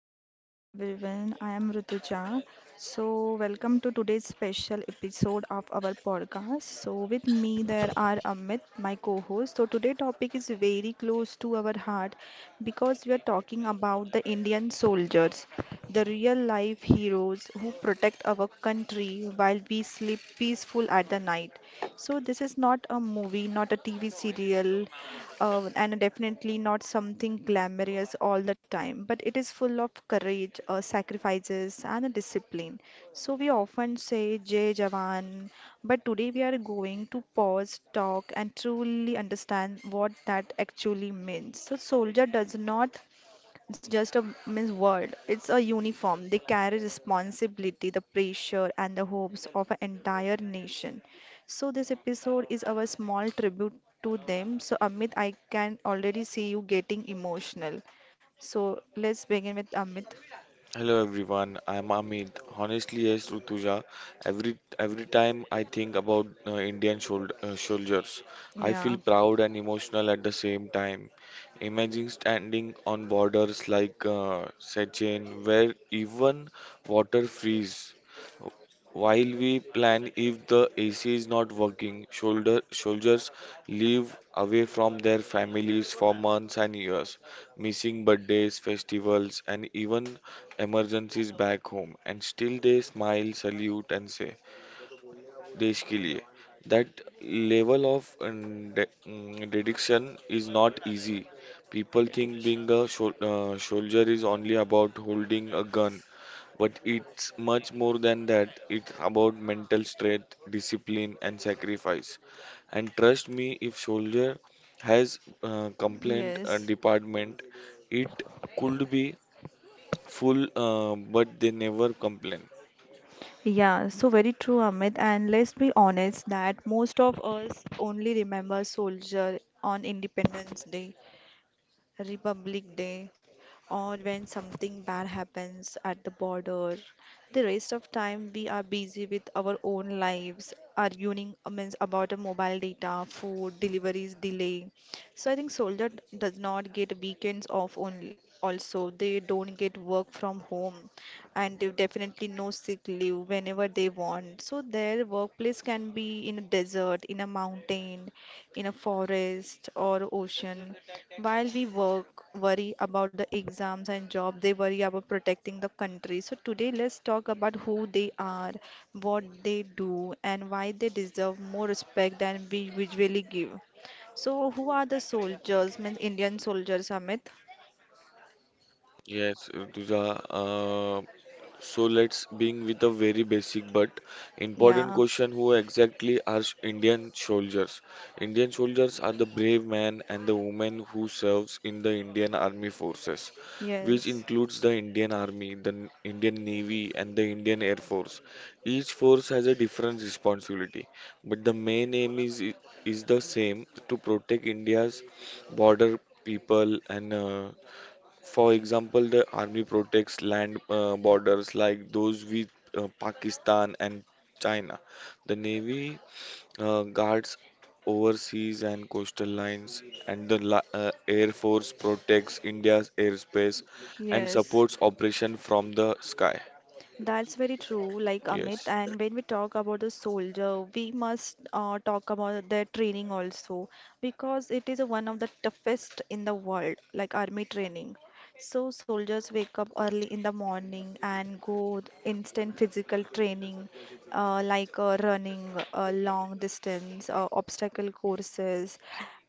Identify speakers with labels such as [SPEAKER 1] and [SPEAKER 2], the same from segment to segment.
[SPEAKER 1] So, hello everyone, I am Rutuja. So, welcome to today's special episode of our podcast. So, with me there are Amit, my co host. So, today topic is very close to our heart because we are talking about the Indian soldiers, the real life heroes who protect our country while we sleep peaceful at the night. So, this is not a movie, not a TV serial, and definitely not something glamorous all the time, but it is full of courage, sacrifices, and discipline. So we often say Jai Jawan, but today we are going to pause, talk, and truly understand what that actually means. So soldier does not it's just a means word. It's a uniform. They carry responsibility, the pressure, and the hopes of an entire nation. So this episode is our small tribute to them. So Amit, I can already see you getting emotional. So let's begin with Amit.
[SPEAKER 2] Hello everyone, I'm Amit. Honestly, yes, Rutuja. Every time I think about Indian soldiers, I feel
[SPEAKER 1] Yeah.
[SPEAKER 2] proud and emotional at the same time. Imagine standing on borders like Sichuan, where even water freeze. While we plan if the AC is not working, soldiers live away from their families for months and years, missing birthdays, festivals, and even emergencies back home and still they smile, salute and say Desh ke liye. That level of dedication is not easy. People think
[SPEAKER 1] Detection.
[SPEAKER 2] being a soldier is only about holding a gun, but it's much more than that. It's about mental strength, discipline and sacrifice. And trust me, if soldier has complaint
[SPEAKER 1] Yes.
[SPEAKER 2] department, it could be full, but they never complain.
[SPEAKER 1] Yeah, so very true, Amit. And let's be honest that most of us only remember soldier on Independence Day. Republic Day, or when something bad happens at the border. The rest of time we are busy with our own lives, arguing means about a mobile data, food, deliveries delay. So I think soldier does not get weekends off only. Also, they don't get work from home and they definitely no sick leave whenever they want. So their workplace can be in a desert, in a mountain, in a forest or ocean. While we work, worry about the exams and job, they worry about protecting the country. So today, let's talk about who they are, what they do, and why they deserve more respect than we usually give. So, who are the soldiers? Means Indian soldiers, Amit?
[SPEAKER 2] Yes, Rutuja, so let's begin with a very basic but important
[SPEAKER 1] Yeah.
[SPEAKER 2] question who exactly are Indian soldiers? Indian soldiers are the brave men and the women who serves in the Indian Army forces, which
[SPEAKER 1] Yes.
[SPEAKER 2] includes the Indian Army, the Indian Navy and the Indian Air Force. Each force has a different responsibility, but the main aim is the same to protect India's border people and for example, the army protects land borders like those with Pakistan and China. The navy guards overseas and coastal lines, and the air force protects India's airspace and
[SPEAKER 1] Yes.
[SPEAKER 2] supports operation from the sky.
[SPEAKER 1] That's very true, like Amit.
[SPEAKER 2] Yes.
[SPEAKER 1] And when we talk about the soldier, we must talk about their training also because it is one of the toughest in the world, like army training. So soldiers wake up early in the morning and go instant physical training, like running long distance, obstacle courses,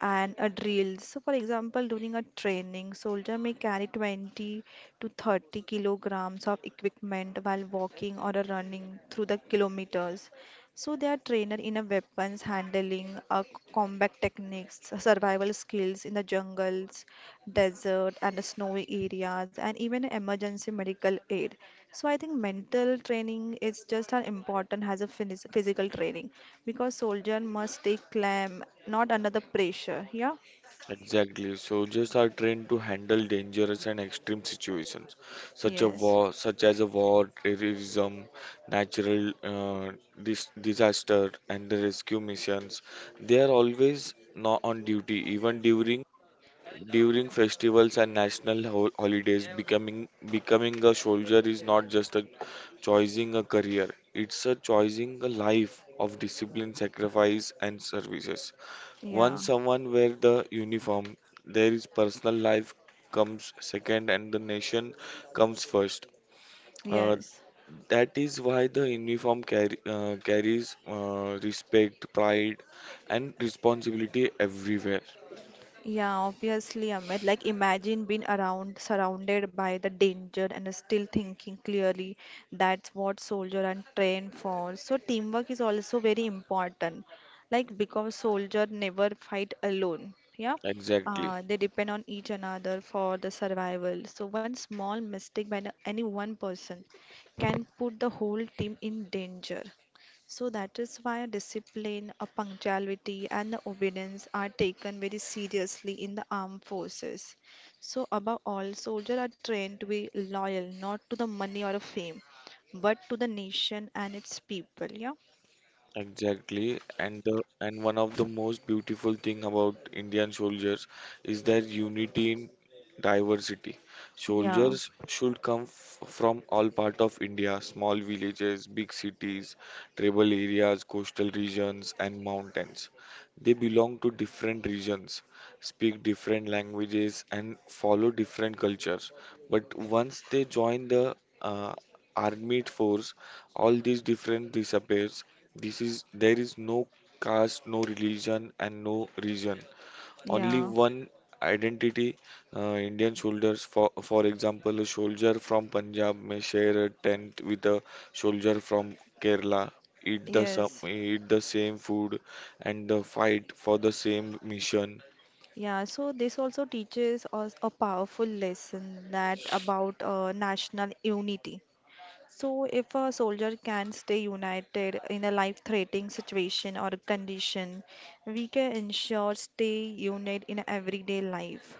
[SPEAKER 1] and a drill. So, for example, during a training, soldier may carry 20 to 30 kilograms of equipment while walking or running through the kilometers. So, they are trained in a weapons handling, a combat techniques, survival skills in the jungles, desert and snowy areas and even emergency medical aid. So I think mental training is just as important as a physical training because soldier must stay calm not under the pressure. Yeah.
[SPEAKER 2] Exactly. Soldiers are trained to handle dangerous and extreme situations,
[SPEAKER 1] Yes.
[SPEAKER 2] such as a war, terrorism, natural disaster, and the rescue missions. They are always not on duty, even during festivals and national holidays. Becoming a soldier is not just a choosing a career; it's a choosing a life of discipline, sacrifice, and services.
[SPEAKER 1] Yeah.
[SPEAKER 2] Once someone wear the uniform, there is personal life comes second and the nation comes first. Uh,
[SPEAKER 1] Yes.
[SPEAKER 2] that is why the uniform carries respect, pride, and responsibility everywhere.
[SPEAKER 1] Yeah, obviously, Amit. Like, imagine being around, surrounded by the danger and still thinking clearly. That's what soldier and train for. So, teamwork is also very important. Like, because soldier never fight alone. Yeah,
[SPEAKER 2] Exactly.
[SPEAKER 1] they depend on each another for the survival. So, one small mistake by the- any one person can put the whole team in danger. So that is why discipline, a punctuality, and the obedience are taken very seriously in the armed forces. So, above all, soldiers are trained to be loyal not to the money or the fame, but to the nation and its people. Yeah,
[SPEAKER 2] Exactly, and one of the most beautiful thing about Indian soldiers is their unity in diversity.
[SPEAKER 1] yeah,
[SPEAKER 2] Soldiers should come f from all part of India, small villages, big cities, tribal areas, coastal regions, and mountains. They belong to different regions, speak different languages, and follow different cultures. But once they join the uh, armed force, all these difference disappears this is there is no caste, no religion, and no region. Only
[SPEAKER 1] yeah,
[SPEAKER 2] one identity. Indian soldiers, for example, a soldier from Punjab may share a tent with a soldier from Kerala,
[SPEAKER 1] yes,
[SPEAKER 2] eat the same food, and the fight for the same mission.
[SPEAKER 1] yeah. So this also teaches us a powerful lesson that about national unity. So, if a soldier can stay united in a life-threatening situation or condition, we can ensure stay united in everyday life.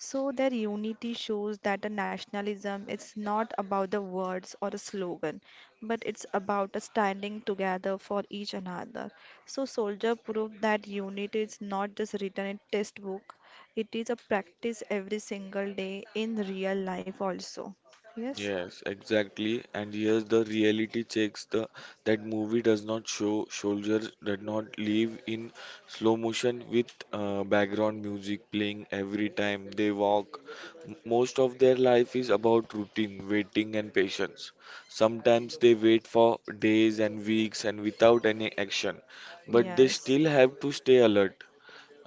[SPEAKER 1] So, their unity shows that a nationalism is not about the words or a slogan, but it's about a standing together for each another. So, soldier proved that unity is not just written in textbook; it is a practice every single day in real life also. Yes.
[SPEAKER 2] Yes, exactly. And here's the reality checks the that movie does not show soldiers did not live in slow motion with background music playing every time they walk. Most of their life is about routine, waiting and patience. Sometimes they wait for days and weeks and without any action, but they
[SPEAKER 1] Yes.
[SPEAKER 2] still have to stay alert.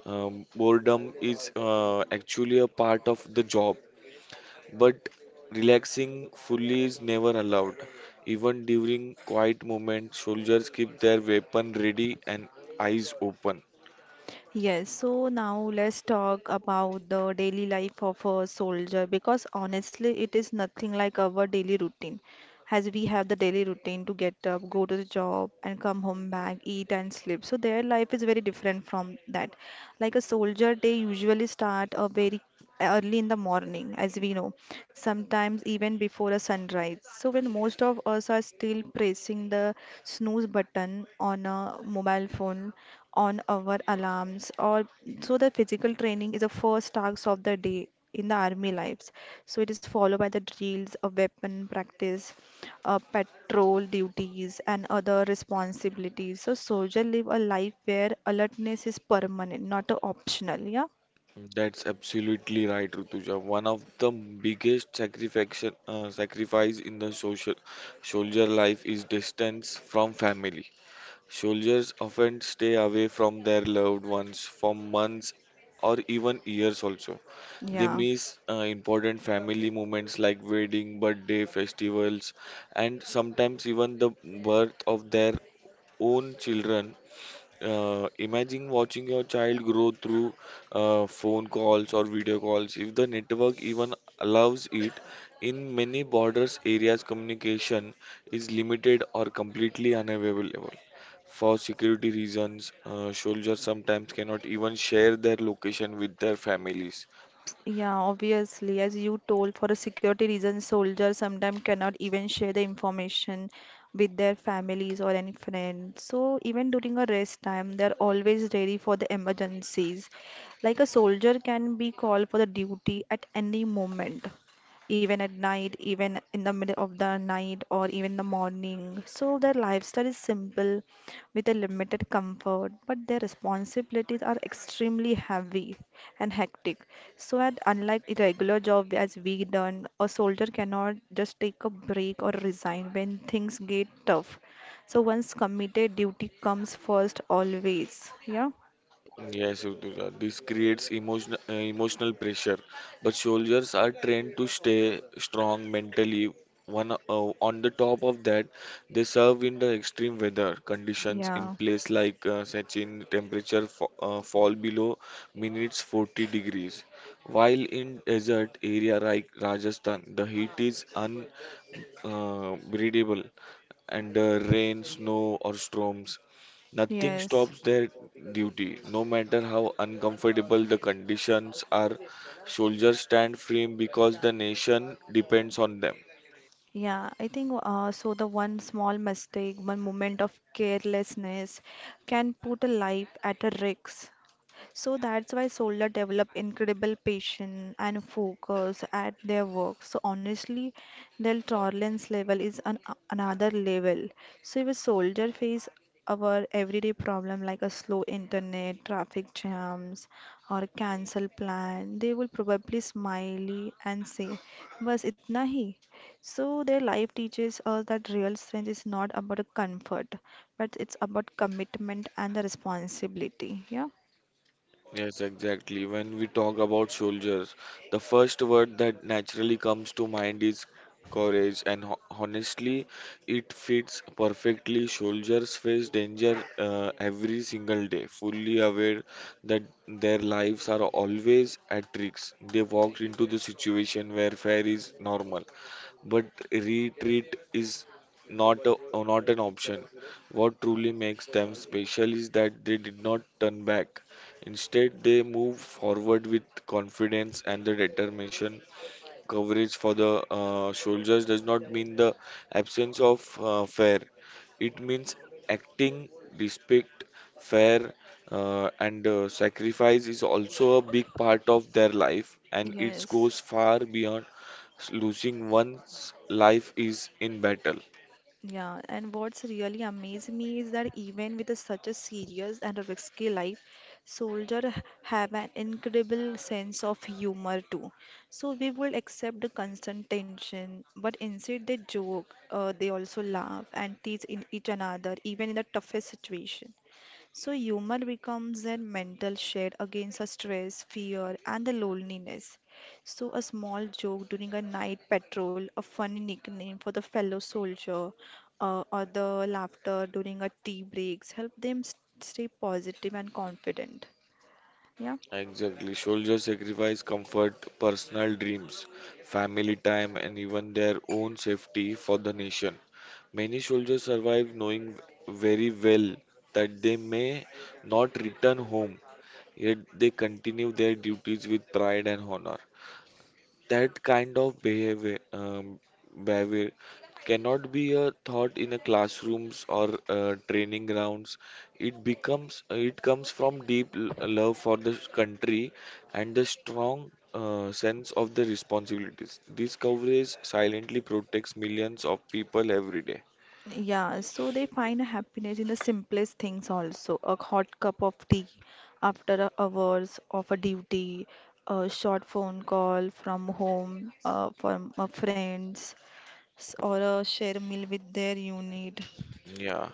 [SPEAKER 2] Boredom is actually a part of the job but relaxing fully is never allowed. Even during quiet moments, soldiers keep their weapon ready and eyes open.
[SPEAKER 1] Yes, so now let's talk about the daily life of a soldier because honestly, it is nothing like our daily routine as we have the daily routine to get up, go to the job, and come home back, eat and sleep. So their life is very different from that. Like a soldier, they usually start a very early in the morning, as we know, sometimes even before a sunrise. So when most of us are still pressing the snooze button on a mobile phone, on our alarms, or so the physical training is the first task of the day in the army lives. So it is followed by the drills, a weapon practice, patrol duties, and other responsibilities. So soldiers live a life where alertness is permanent, not a optional. Yeah,
[SPEAKER 2] That's absolutely right, Rutuja. One of the biggest sacrifice in the social soldier life is distance from family. Soldiers often stay away from their loved ones for months or even years also. They
[SPEAKER 1] yeah.
[SPEAKER 2] miss important family moments like wedding, birthday, festivals, and sometimes even the birth of their own children imagine watching your child grow through phone calls or video calls, if the network even allows it. In many borders areas, communication is limited or completely unavailable. For security reasons, soldiers sometimes cannot even share their location with their families.
[SPEAKER 1] Yeah, obviously, as you told, for a security reason, soldiers sometimes cannot even share the information with their families or any friends. So even during a rest time, they're always ready for the emergencies. Like a soldier can be called for the duty at any moment, even at night, even in the middle of the night, or even the morning. So their lifestyle is simple with a limited comfort, but their responsibilities are extremely heavy and hectic. So, at unlike a regular job as we done, a soldier cannot just take a break or resign when things get tough. So, once committed, duty comes first always. Yeah,
[SPEAKER 2] Yes, Ritudha, this creates emotional pressure, but soldiers are trained to stay strong mentally. One on the top of that, they serve in the extreme weather conditions in
[SPEAKER 1] yeah,
[SPEAKER 2] place like Sachin, temperature fall below minus 40 degrees. While in desert area like Rajasthan, the heat is breathable and rain, snow, or storms.
[SPEAKER 1] mm,
[SPEAKER 2] Nothing
[SPEAKER 1] yes.
[SPEAKER 2] stops their duty, no matter how uncomfortable the conditions are. Soldiers stand firm because the nation depends on them.
[SPEAKER 1] Yeah, I think The one small mistake, one moment of carelessness can put a life at a risk. So that's why soldiers develop incredible patience and focus at their work. So honestly, their tolerance level is an another level. So if a soldier face our everyday problem like a slow internet, traffic jams, or a cancel plan, they will probably smiley and say, "बस itna hi." So their life teaches us that real strength is not about comfort, but it's about commitment and the responsibility. Yeah.
[SPEAKER 2] Yes, exactly. When we talk about soldiers, the first word that naturally comes to mind is courage, and ho honestly, it fits perfectly. Soldiers face danger every single day, fully aware that their lives are always at risk. They walk into the situation where fear is normal, but retreat is not a, not an option. What truly makes them special is that they did not turn back. Instead, they move forward with confidence and the determination. Coverage for the soldiers does not mean the absence of fair. It means acting, respect, fair, and sacrifice is also a big part of their life, and it
[SPEAKER 1] Yes,
[SPEAKER 2] goes far beyond losing one's life is in battle.
[SPEAKER 1] yeah, and what's really amazed me is that even with a, such a serious and a risky life, soldiers have an incredible sense of humor too. So we will accept the constant tension, but instead they joke, they also laugh and tease in each another, even in the toughest situation. So humor becomes their mental shield against the stress, fear, and the loneliness. So a small joke during a night patrol, a funny nickname for the fellow soldier, or the laughter during a tea breaks help them stay positive and confident. Yeah.
[SPEAKER 2] Exactly. Soldiers sacrifice comfort, personal dreams, family time, and even their own safety for the nation. Many soldiers survive knowing very well that they may not return home, yet they continue their duties with pride and honor. That kind of behavior cannot be a thought in a classrooms or training grounds. It comes from deep love for the country and the strong sense of the responsibilities. This coverage silently protects millions of people every day.
[SPEAKER 1] Yeah, so they find happiness in the simplest things also. A hot cup of tea after a hours of a duty, a short phone call from home, from a friend, or share a meal with their unit.
[SPEAKER 2] Yeah.